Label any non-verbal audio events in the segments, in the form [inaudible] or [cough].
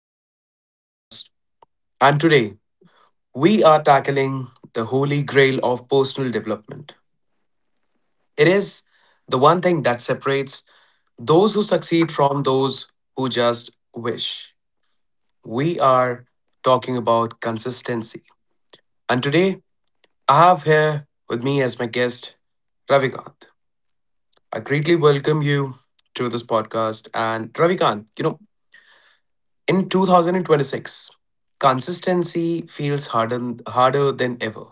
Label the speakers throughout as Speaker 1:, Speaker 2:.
Speaker 1: again on this podcast. And today, we are tackling the holy grail of personal development. It is the one thing that separates those who succeed from those who just wish. We are talking about consistency. And today, I have here with me as my guest, Ravikant. I greatly welcome you to this podcast. And Ravikant, in 2026, consistency feels harder, harder than ever.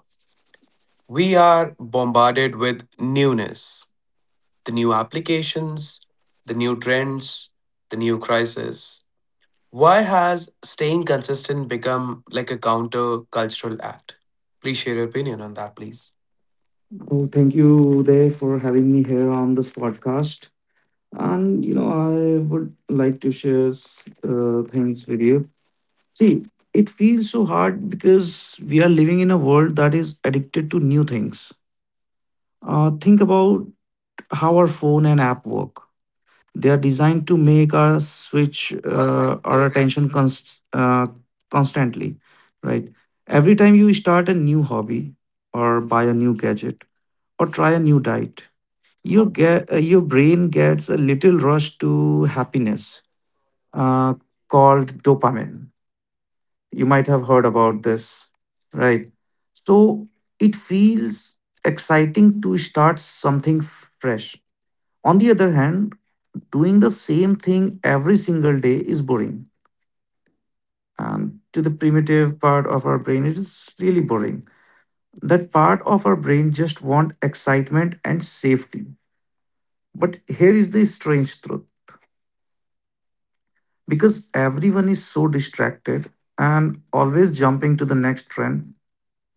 Speaker 1: We are bombarded with newness, the new applications, the new trends, the new crisis. Why has staying consistent become like a counter cultural act? Please share your opinion on that, please.
Speaker 2: Oh, thank you, Uday, for having me here on this podcast. And, I would like to share things with you. See, it feels so hard because we are living in a world that is addicted to new things. Think about how our phone and app work. They are designed to make us switch our attention constantly, right? Every time you start a new hobby or buy a new gadget or try a new diet, your brain gets a little rush to happiness uh, called dopamine. You might have heard about this, right? So it feels exciting to start something fresh. On the other hand, doing the same thing every single day is boring, and to the primitive part of our brain it is really boring. That part of our brain just want excitement and safety. But here is the strange truth: because everyone is so distracted and always jumping to the next trend,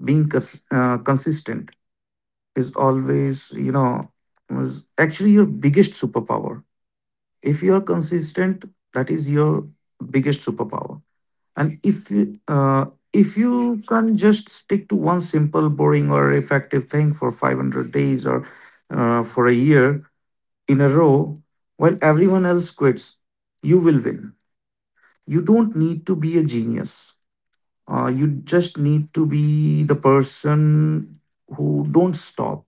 Speaker 2: being consistent is always you know is actually your biggest superpower. If you are consistent, that is your biggest superpower. And if you can just stick to one simple boring or effective thing for 500 days or for a year in a row, while everyone else quits, you will win. You don't need to be a genius. You just need to be the person who don't stop.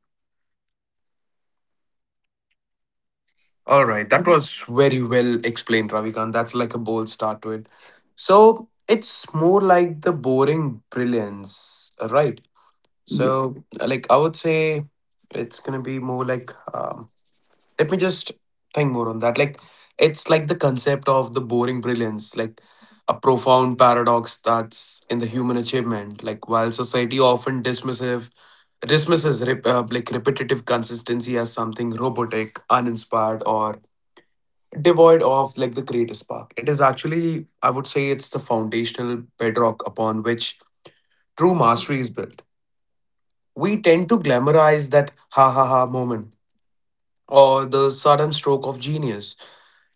Speaker 1: All right, that was very well explained, Ravikant. That's like a bold start to it. So it's more like the boring brilliance, right?
Speaker 2: Yeah.
Speaker 1: So, like, I would say it's gonna be more like, let me just think more on that. Like, it's like the concept of the boring brilliance, like a profound paradox that's in the human achievement. Like, while society often dismissive dismisses like repetitive consistency as something robotic, uninspired, or devoid of like the creative spark. It is actually, I would say, it's the foundational bedrock upon which true mastery is built. We tend to glamorize that ha ha ha moment or the sudden stroke of genius.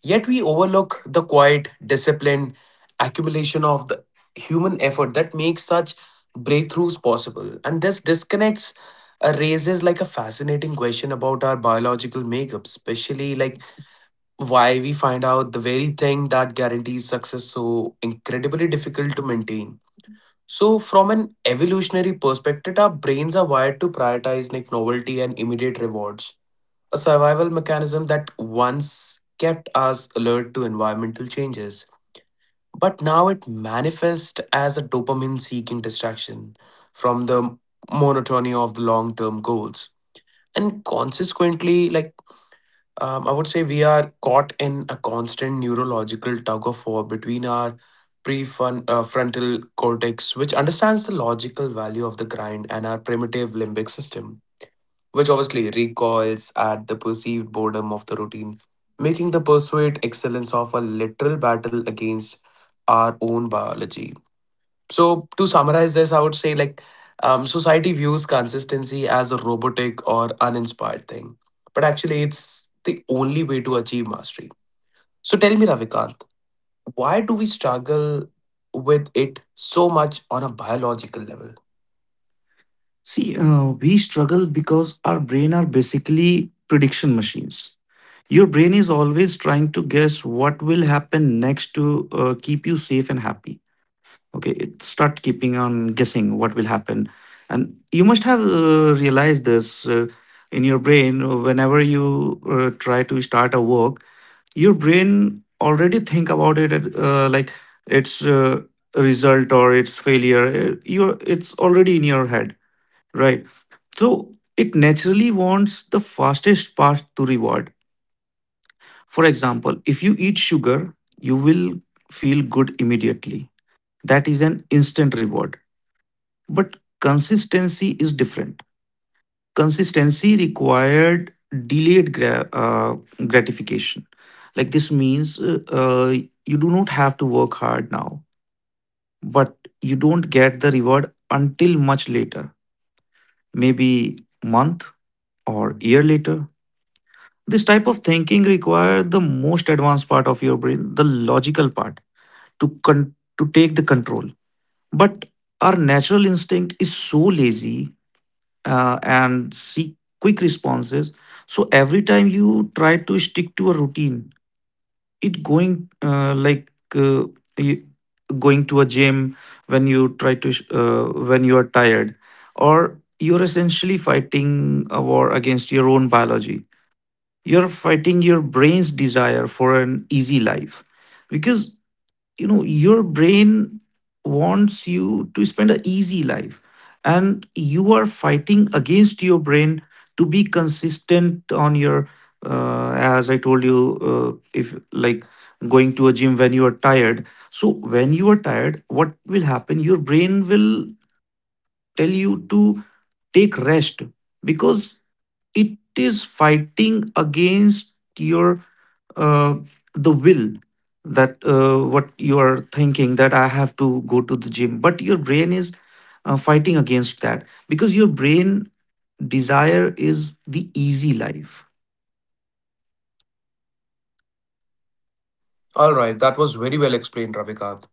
Speaker 1: Yet we overlook the quiet, disciplined accumulation of the human effort that makes such breakthroughs possible. And this disconnects raises like a fascinating question about our biological makeup, especially like why we find out the very thing that guarantees success so incredibly difficult to maintain. So, from an evolutionary perspective, our brains are wired to prioritize like novelty and immediate rewards, a survival mechanism that once kept us alert to environmental changes. But now it manifests as a dopamine seeking distraction from the monotony of the long term goals. And consequently, like I would say we are caught in a constant neurological tug of war between our prefrontal frontal cortex, which understands the logical value of the grind, and our primitive limbic system, which obviously recoils at the perceived boredom of the routine, making the pursuit excellence of a literal battle against our own biology. So to summarize this, I would say like society views consistency as a robotic or uninspired thing, but actually it's the only way to achieve mastery. So tell me, Ravikant, why do we struggle with it so much on a biological level?
Speaker 2: See, we struggle because our brain are basically prediction machines. Your brain is always trying to guess what will happen next to keep you safe and happy. Okay, it start keeping on guessing what will happen. And you must have realized this in your brain whenever you try to start a work. Your brain already think about it like its result or its failure. You it's already in your head, right? So it naturally wants the fastest path to reward. For example, if you eat sugar you will feel good immediately. That is an instant reward. But consistency is different. Consistency required delayed gratification. Like this means you do not have to work hard now, but you don't get the reward until much later. Maybe month or year later. This type of thinking requires the most advanced part of your brain, the logical part, to con- to take the control. But our natural instinct is so lazy, and seek quick responses. So every time you try to stick to a routine, it going like y- going to a gym when you try to sh- when you are tired, or you're essentially fighting a war against your own biology. You're fighting your brain's desire for an easy life. Because your brain wants you to spend an easy life, and you are fighting against your brain to be consistent on your as I told you if like going to a gym when you are tired. So when you are tired, what will happen? Your brain will tell you to take rest. Because it is fighting against your uh, the will, that what you are thinking, that I have to go to the gym. But your brain is fighting against that because your brain desire is the easy life.
Speaker 1: All right, that was very well explained, Ravikant.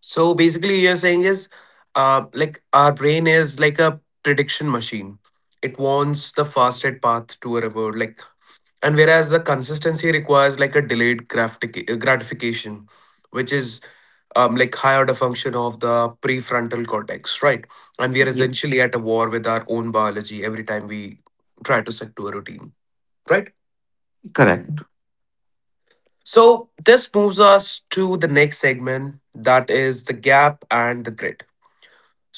Speaker 1: So basically, you're saying is like our brain is like a prediction machine. It wants the fastest path to a reward, like, and whereas the consistency requires like a delayed gratification, which is like high order function of the prefrontal cortex, right? And we are
Speaker 2: Yes,
Speaker 1: essentially at a war with our own biology every time we try to stick to a routine, right?
Speaker 2: correct.
Speaker 1: So this moves us to the next segment, that is the gap and the grit.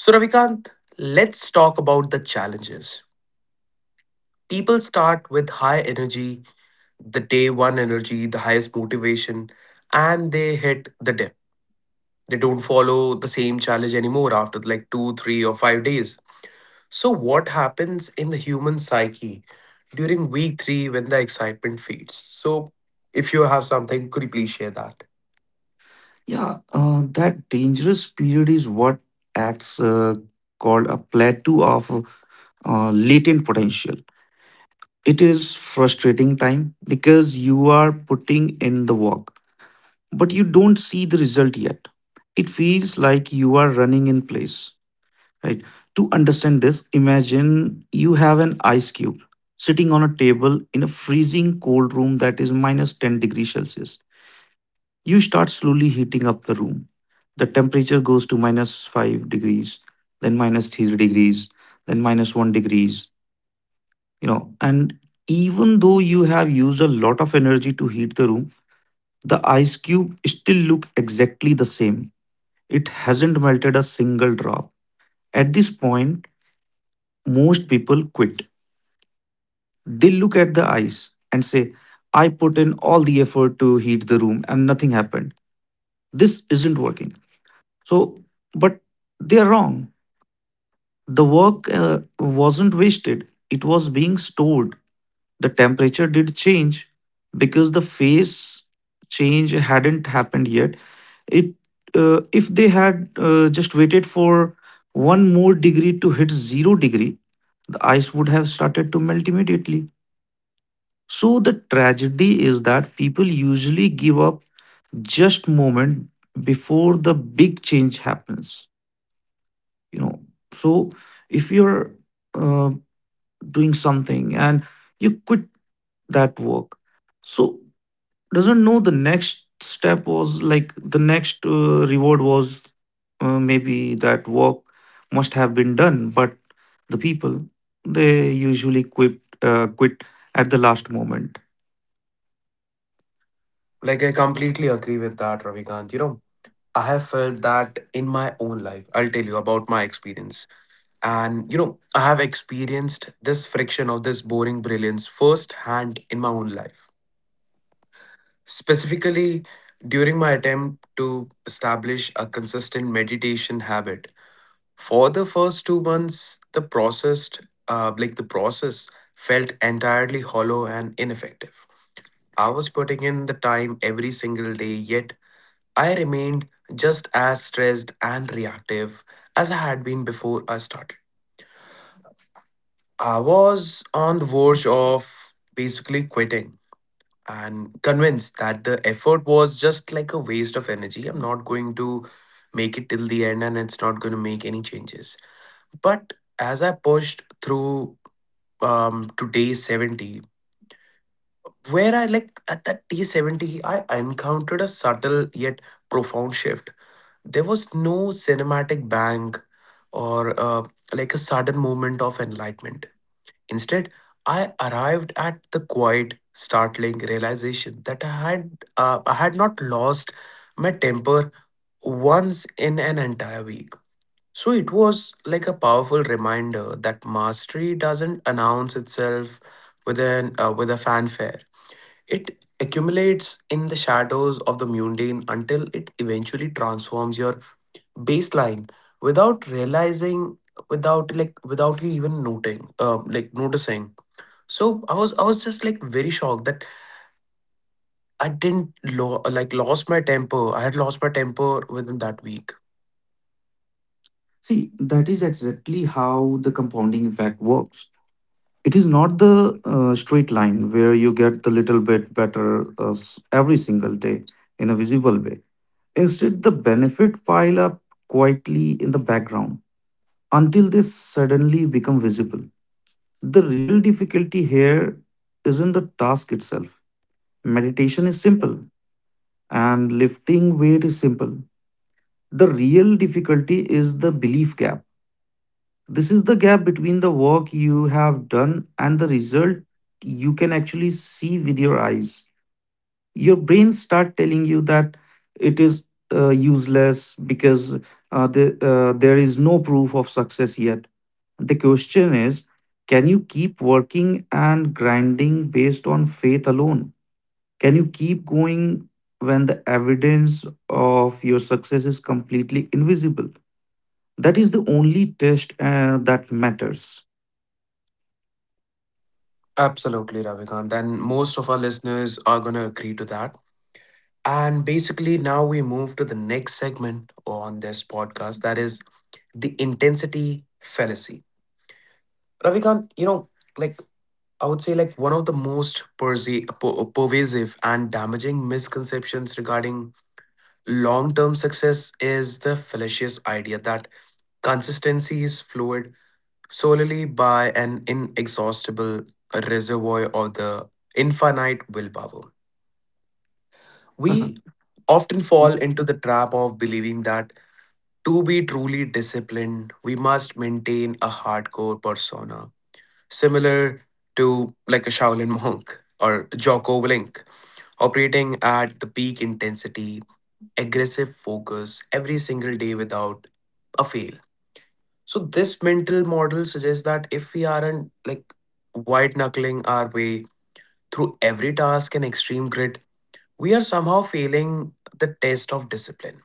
Speaker 1: So Ravikant, let's talk about the challenges. People start with high energy, the day one energy, the highest motivation, and they hit the dip. They don't follow the same challenge anymore after like two, 3, or 5 days. So, what happens in the human psyche during week three when the excitement fades? So, if you have something, could you please share that?
Speaker 2: Yeah, that dangerous period is what acts called a plateau of latent potential. It is frustrating time because you are putting in the work, but you don't see the result yet. It feels like you are running in place, right? To understand this, imagine you have an ice cube sitting on a table in a freezing cold room that is minus 10 degrees Celsius. You start slowly heating up the room. The temperature goes to minus 5 degrees, then minus 3 degrees, then minus 1 degrees, and even though you have used a lot of energy to heat the room, the ice cube still look exactly the same. It hasn't melted a single drop. At this point, most people quit. They look at the ice and say, I put in all the effort to heat the room and nothing happened. This isn't working. So, but they're wrong. The work wasn't wasted, it was being stored. The temperature did change because the phase change hadn't happened yet. It If they had just waited for 1 more degree to hit 0 degree, the ice would have started to melt immediately. So the tragedy is that people usually give up just moment before the big change happens. You know, so if you're uh, doing something and you quit that work, so doesn't know the next step was, like the next reward was, maybe that work must have been done, but the people they usually quit at the last moment.
Speaker 1: Like, I completely agree with that, Ravikant. You know, I have felt that in my own life. I'll tell you about my experience. And, you know, I have experienced this friction of this boring brilliance firsthand in my own life. Specifically, during my attempt to establish a consistent meditation habit, for the first 2 months, the like the process, felt entirely hollow and ineffective. I was putting in the time every single day, yet I remained just as stressed and reactive as I had been before I started. I was on the verge of basically quitting and convinced that the effort was just like a waste of energy. I'm not going to make it till the end and it's not going to make any changes. But as I pushed through to day 70, where I like at that day 70, I encountered a subtle yet profound shift. There was no cinematic bang or like a sudden moment of enlightenment. Instead, I arrived at the quiet, startling realization that I had not lost my temper once in an entire week. So it was like a powerful reminder that mastery doesn't announce itself with a fanfare. It accumulates in the shadows of the mundane until it eventually transforms your baseline without realizing, without like without you even noting like noticing. So I was just like very shocked that I didn't lo- like lost my temper. I had lost my temper within that week.
Speaker 2: See, that is exactly how the compounding effect works. It is not the straight line where you get the little bit better every single day in a visible way. Instead, the benefit pile up quietly in the background until they suddenly become visible. The real difficulty here is isn't the task itself. Meditation is simple and lifting weight is simple. The real difficulty is the belief gap. This is the gap between the work you have done and the result you can actually see with your eyes. Your brain start telling you that it is useless because there is no proof of success yet. The question is, can you keep working and grinding based on faith alone? Can you keep going when the evidence of your success is completely invisible? That is the only test that matters.
Speaker 1: Absolutely, Ravikant. And most of our listeners are gonna agree to that. And basically now we move to the next segment on this podcast, that is the intensity fallacy. Ravikant, you know, like I would say like one of the most pervasive and damaging misconceptions regarding long term success is the fallacious idea that consistency is fluid solely by an inexhaustible reservoir or the infinite willpower.
Speaker 2: [laughs]
Speaker 1: We often fall into the trap of believing that to be truly disciplined, we must maintain a hardcore persona, similar to like a Shaolin monk or Jocko Willink, operating at the peak intensity aggressive focus every single day without a fail. So this mental model suggests that if we aren't like white knuckling our way through every task and extreme grit, we are somehow failing the test of discipline.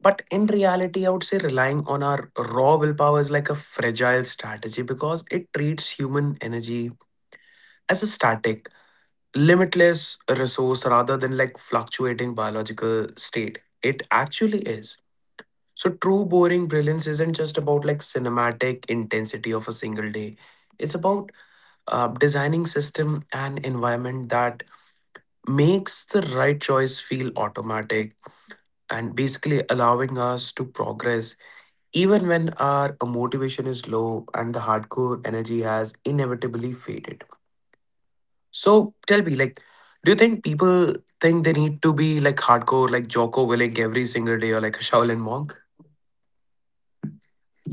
Speaker 1: But in reality, I would say relying on our raw willpower is like a fragile strategy because it treats human energy as a static, limitless resource rather than like fluctuating biological state. It actually is. So true boring brilliance isn't just about like cinematic intensity of a single day. It's about designing system and environment that makes the right choice feel automatic and basically allowing us to progress even when our motivation is low and the hardcore energy has inevitably faded. So tell me like do you think people think they need to be like hardcore like Jocko Willink every single day or like a Shaolin monk?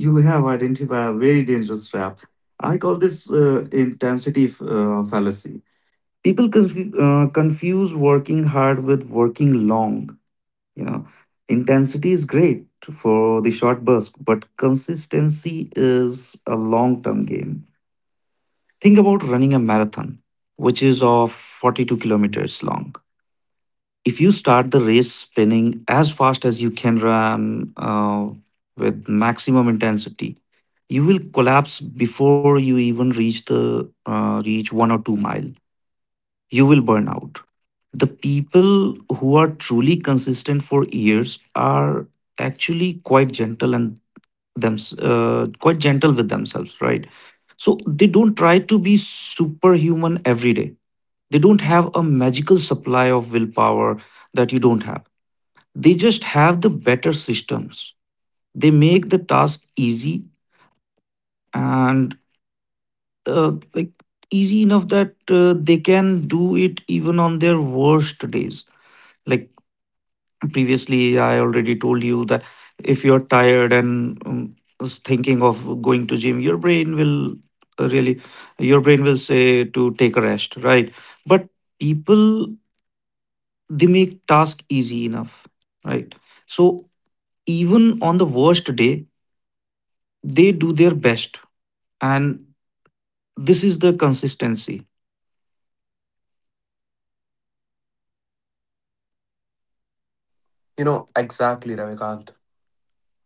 Speaker 2: You have identified a very dangerous trap. I call this intensity fallacy. People confuse working hard with working long. You know, intensity is great for the short burst, but consistency is a long-term game. Think about running a marathon, which is of 42 kilometers long. If you start the race spinning as fast as you can run, with maximum intensity, you will collapse before you even reach the reach 1 or 2 mile. You will burn out. The people who are truly consistent for years are actually quite gentle and them quite gentle with themselves, right? So they don't try to be superhuman every day. They don't have a magical supply of willpower that you don't have. They just have the better systems. They make the task easy and like easy enough that they can do it even on their worst days. Like previously, I already told you that if you're tired and is thinking of going to gym, uh, really, your brain will say to take a rest, right? But people they make task easy enough, right? So even on the worst day, they do their best, and this is the consistency.
Speaker 1: You know exactly, Ravikant.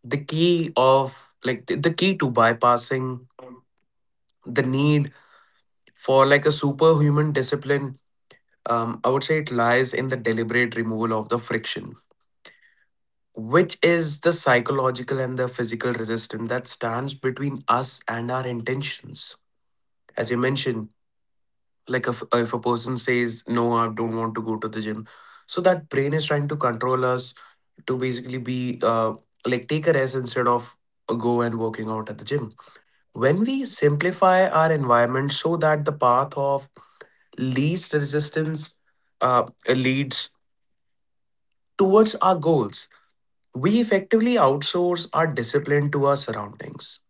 Speaker 1: The key of like the key to bypassing the need for like a superhuman discipline, I would say it lies in the deliberate removal of the friction, which is the psychological and the physical resistance that stands between us and our intentions. As you mentioned, like if a person says no I don't want to go to the gym, so that brain is trying to control us to basically be like take a rest instead of go and working out at the gym. When we simplify our environment so that the path of least resistance leads towards our goals, we effectively outsource our discipline to our surroundings.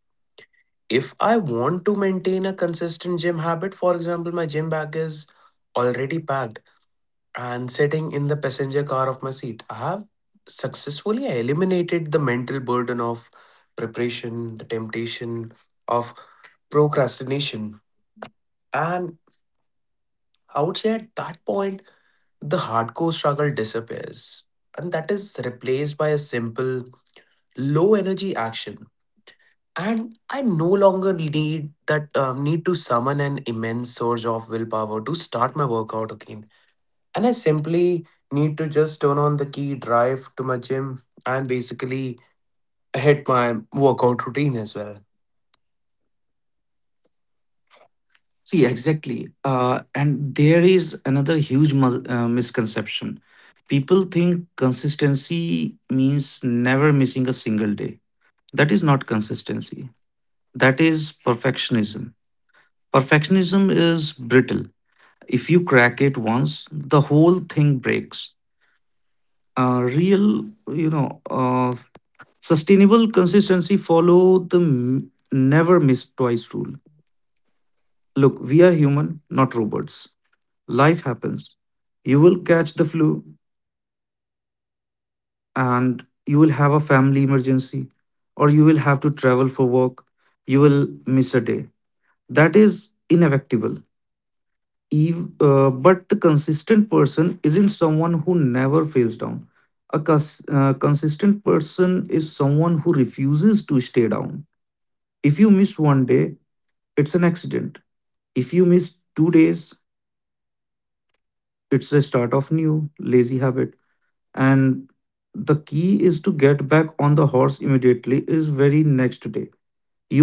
Speaker 1: If I want to maintain a consistent gym habit, for example, my gym bag is already packed and sitting in the passenger car of my seat, I have successfully eliminated the mental burden of preparation, the temptation of procrastination, and I would say at that point, the hardcore struggle disappears and that is replaced by a simple, low energy action. And I no longer need that need to summon an immense surge of willpower to start my workout again. And I simply need to just turn on the key, drive to my gym, and basically hit my workout routine as well.
Speaker 2: See exactly, and there is another huge misconception. People think consistency means never missing a single day. That is not consistency, that is perfectionism. Perfectionism is brittle. If you crack it once, the whole thing breaks. Real you know Sustainable consistency follow never miss twice rule. Look, we are human, not robots. Life happens. You will catch the flu, and you will have a family emergency, or you will have to travel for work. You will miss a day. That is inevitable. But the consistent person isn't someone who never fails down. A consistent person is someone who refuses to stay down. If you miss one day, it's an accident. If you miss 2 days, it's the start of new lazy habit. And the key is to get back on the horse immediately is very next day.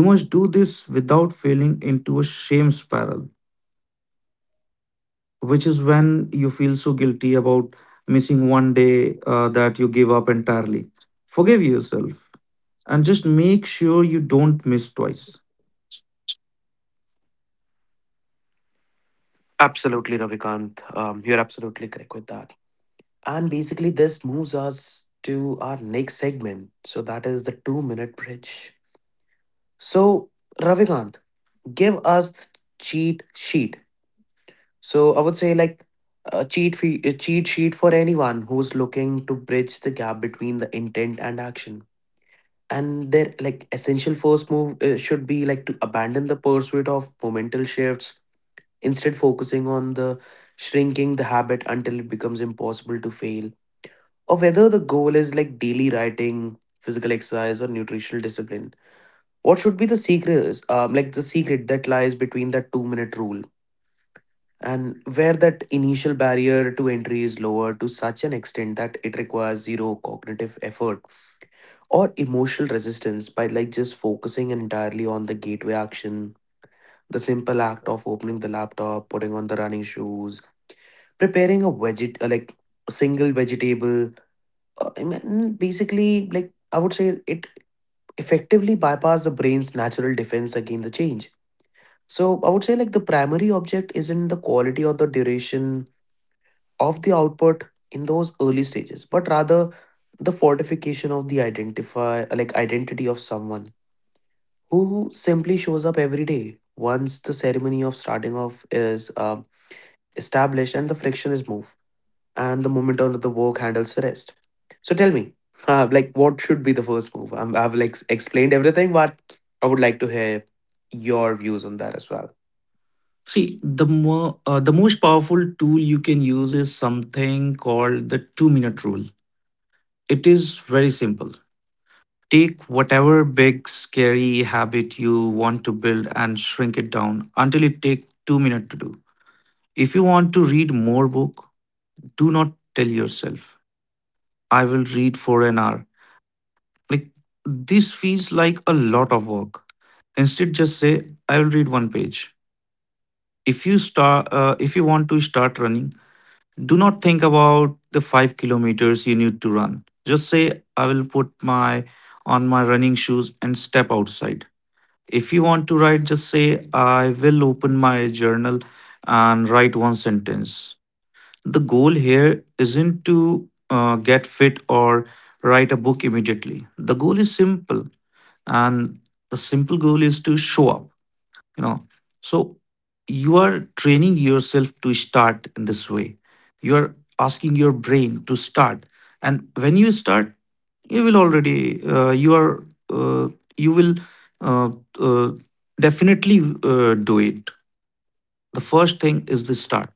Speaker 2: You must do this without falling into a shame spiral, which is when you feel so guilty about missing one day that you give up entirely. Forgive yourself, and just make sure you don't miss twice.
Speaker 1: Absolutely, Ravikant. You're absolutely correct with that. And basically, this moves us to our next segment. So, that is the two-minute bridge. So, Ravikant, give us the cheat sheet. So, I would say like a a cheat sheet for anyone who's looking to bridge the gap between the intent and action. And their like essential first move should be like to abandon the pursuit of momental shifts, instead focusing on the shrinking the habit until it becomes impossible to fail or whether the goal is like daily writing, physical exercise, or nutritional discipline. What should be the secret? Is like the secret that lies between that two-minute rule and where that initial barrier to entry is lowered to such an extent that it requires zero cognitive effort or emotional resistance by like just focusing entirely on the gateway action, the simple act of opening the laptop, putting on the running shoes, preparing a veget like single vegetable. I mean, basically, like I would say it effectively bypass the brain's natural defense against the change. So I would say like the primary object isn't the quality or the duration of the output in those early stages, but rather the fortification of the identify like identity of someone who simply shows up every day once the ceremony of starting off is established, and the friction is moved and the moment on the work handles the rest. So tell me, like, what should be the first move? I've like explained everything, but I would like to hear your views on that as well.
Speaker 2: See, the most powerful tool you can use is something called the 2 minute rule. It is very simple. Take whatever big, scary habit you want to build and shrink it down until it takes 2 minutes to do. If you want to read more book, do not tell yourself, I will read for an hour. Like this feels like a lot of work. Instead, just say, I will read one page. If you want to start running, do not think about the 5 kilometers you need to run. Just say, I will put my on my running shoes and step outside. If you want to write, just say, I will open my journal and write one sentence. The goal here isn't to get fit or write a book immediately. The goal is simple, and the simple goal is to show up, you know. So you are training yourself to start in this way. You are asking your brain to start. And when you start, you will already you are uh, you will uh, uh, definitely do it. The first thing is the start.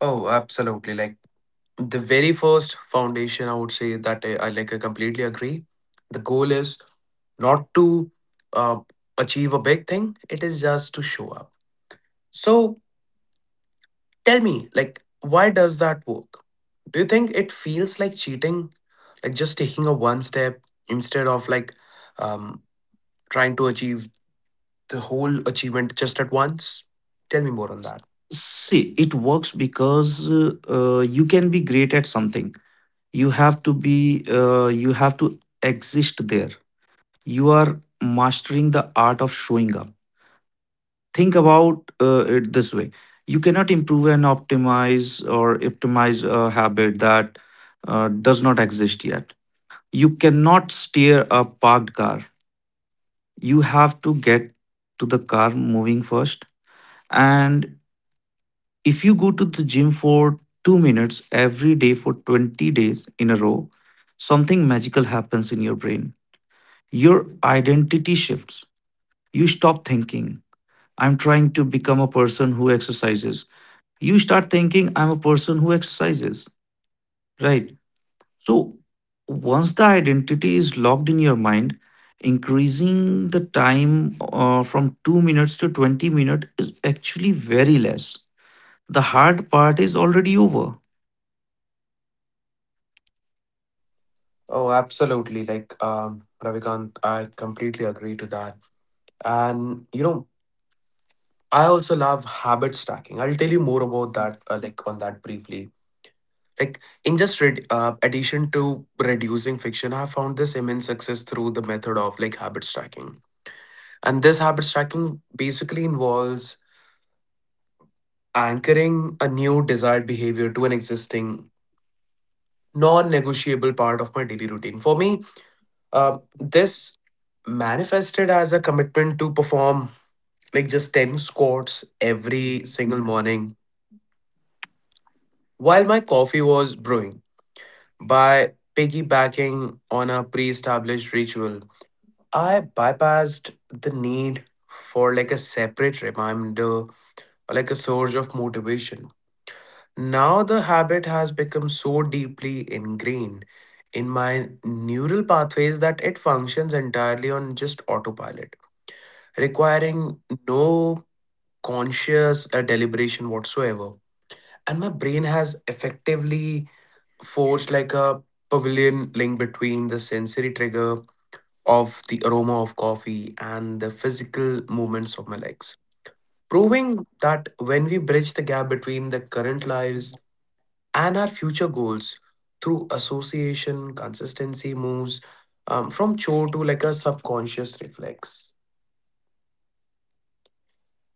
Speaker 1: Oh, absolutely. Like the very first foundation, I would say that I completely agree. The goal is not to uh, achieve a big thing, it is just to show up. So tell me, like, why does that work? Do you think it feels like cheating? Like just taking a one step instead of like um, trying to achieve the whole achievement just at once? Tell me more on that.
Speaker 2: See, it works because you can be great at something. You have to be, you have to exist there. You are mastering the art of showing up. Think about it this way. You cannot improve and optimize a habit that does not exist yet. You cannot steer a parked car. You have to get to the car moving first. And if you go to the gym for 2 minutes every day for 20 days in a row, something magical happens in your brain. Your identity shifts. You stop thinking, I'm trying to become a person who exercises. You start thinking, I'm a person who exercises, right? So once the identity is locked in your mind, increasing the time from 2 minutes to 20 minutes is actually very less. The hard part is already over.
Speaker 1: Oh, absolutely. Ravikant, I completely agree to that. And, you know, I also love habit stacking. I'll tell you more about that, like, on that briefly. Like, in just red addition to reducing friction, I have found this immense success through the method of like habit stacking. And this habit stacking basically involves anchoring a new desired behavior to an existing non negotiable part of my daily routine. For me, this manifested as a commitment to perform like just 10 squats every single morning while my coffee was brewing. By piggybacking on a pre established ritual, I bypassed the need for like a separate reminder or like a surge of motivation. Now the habit has become so deeply ingrained in my neural pathways that it functions entirely on just autopilot, requiring no conscious deliberation whatsoever. And my brain has effectively forged like a pavilion link between the sensory trigger of the aroma of coffee and the physical movements of my legs, proving that when we bridge the gap between the current lives and our future goals through association consistency moves from chore to like a subconscious reflex.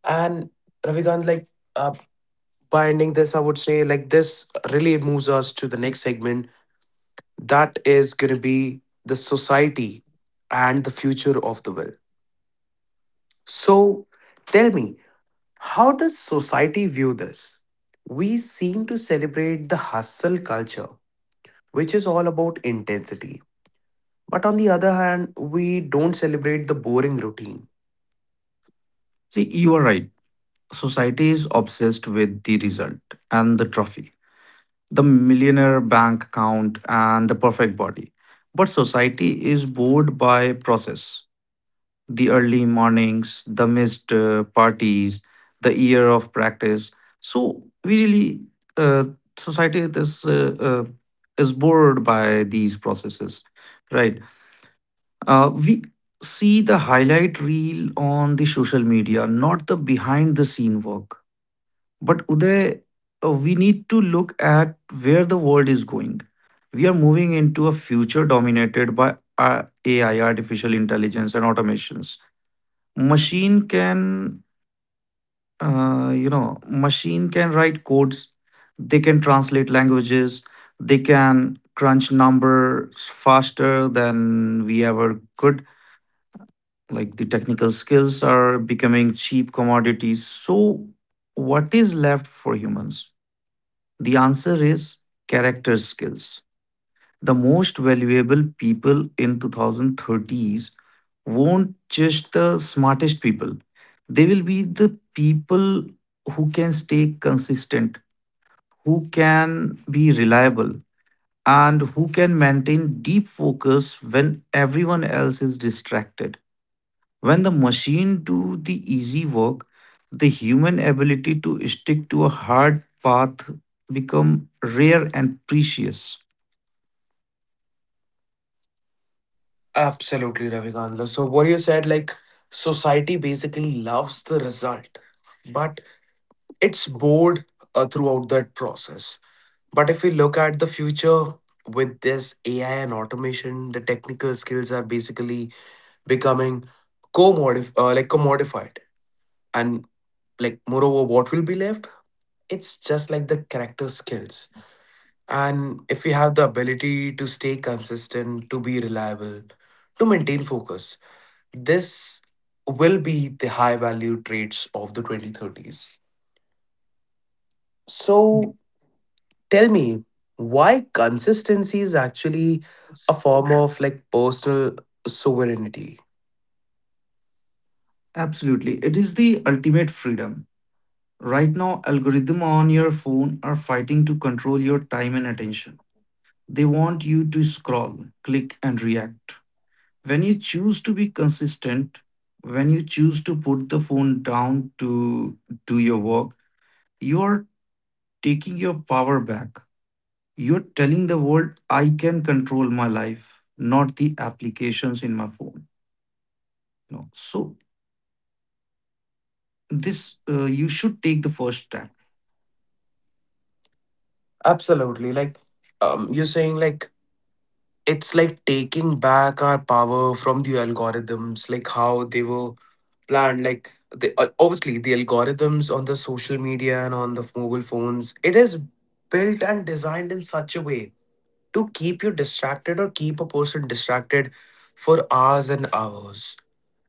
Speaker 1: And Ravikant, like uh, binding this, I would say like this really moves us to the next segment, that is going to be the society and the future of the will. So tell me, how does society view this? We seem to celebrate the hustle culture, which is all about intensity. But on the other hand, we don't celebrate the boring routine.
Speaker 2: See, you are right. Society is obsessed with the result and the trophy, the millionaire bank account, and the perfect body. But society is bored by process, the early mornings, the missed parties, the year of practice. So we really uh, society is bored by these processes, right? We see the highlight reel on the social media, not the behind the scene work. But Uday, we need to look at where the world is going. We are moving into a future dominated by AI, artificial intelligence, and automations. Machine can, you know, machine can write codes, they can translate languages, they can crunch numbers faster than we ever could. Like, the technical skills are becoming cheap commodities. So what is left for humans? The answer is character skills. The most valuable people in 2030s won't just the smartest people. They will be the people who can stay consistent, who can be reliable, and who can maintain deep focus when everyone else is distracted. When the machine do the easy work, the human ability to stick to a hard path become rare and precious.
Speaker 1: Absolutely, Ravi Kandla. So what you said, like society basically loves the result, but it's bored throughout that process. But if we look at the future with this AI and automation, the technical skills are basically becoming like commodified, and like moreover, what will be left? It's just like the character skills. And if we have the ability to stay consistent, to be reliable, to maintain focus, this will be the high value traits of the 2030s. So tell me, why consistency is actually a form of like personal sovereignty?
Speaker 2: Absolutely. It is the ultimate freedom. Right now, algorithm on your phone are fighting to control your time and attention. They want you to scroll, click, and react. When you choose to be consistent, when you choose to put the phone down to do your work, you are taking your power back. You're telling the world, I can control my life, not the applications in my phone. You know, so this you should take the first step.
Speaker 1: Absolutely. You're saying, like it's like taking back our power from the algorithms, like how they were planned. Like the obviously the algorithms on the social media and on the mobile phones, it is built and designed in such a way to keep you distracted or keep a person distracted for hours and hours.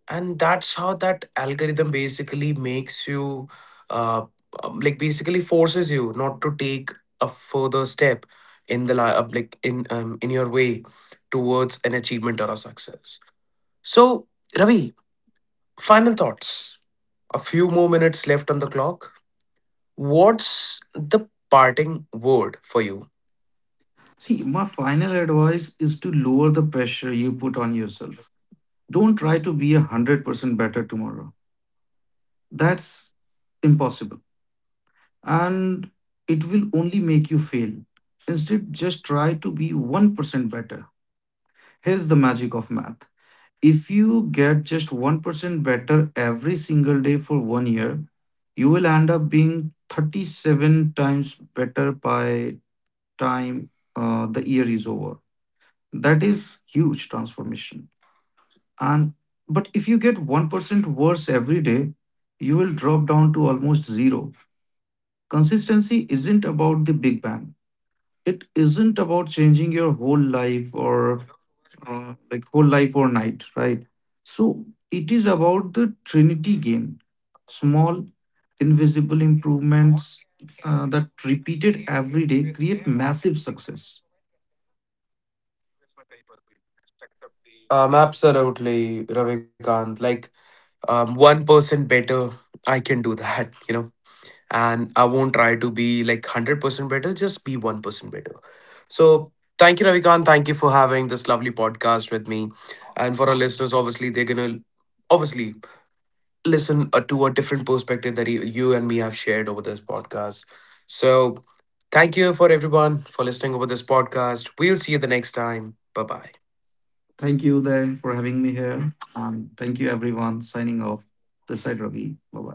Speaker 1: And that's how that algorithm basically makes you uh, like basically forces you not to take a further step in the like in your way towards an achievement or a success. So Ravi, final thoughts, a few more minutes left on the clock. What's the parting word for you?
Speaker 2: See, my final advice is to lower the pressure you put on yourself. Don't try to be 100% better tomorrow. That's impossible. And it will only make you fail. Instead, just try to be 1% better. Here's the magic of math. If you get just 1% better every single day for 1 year, you will end up being 37 times better by time, the year is over. That is huge transformation. And but if you get 1% worse every day, you will drop down to almost zero. Consistency isn't about the big bang. It isn't about changing your whole life or whole life or night, right? So it is about the trinity gain, small invisible improvements that repeated every day create massive success.
Speaker 1: Absolutely, Ravikant. 1% better, I can do that. [laughs] You know. And I won't try to be like 100% better, just be 1% better. So, thank you, Ravikant. Thank you for having this lovely podcast with me. And for our listeners, obviously, they're going to obviously listen to a different perspective that you and me have shared over this podcast. So, thank you for everyone for listening over this podcast. We'll see you the next time. Bye bye.
Speaker 2: Thank you, Uday, for having me here. And thank you, everyone, signing off. This side, Ravi. Bye bye.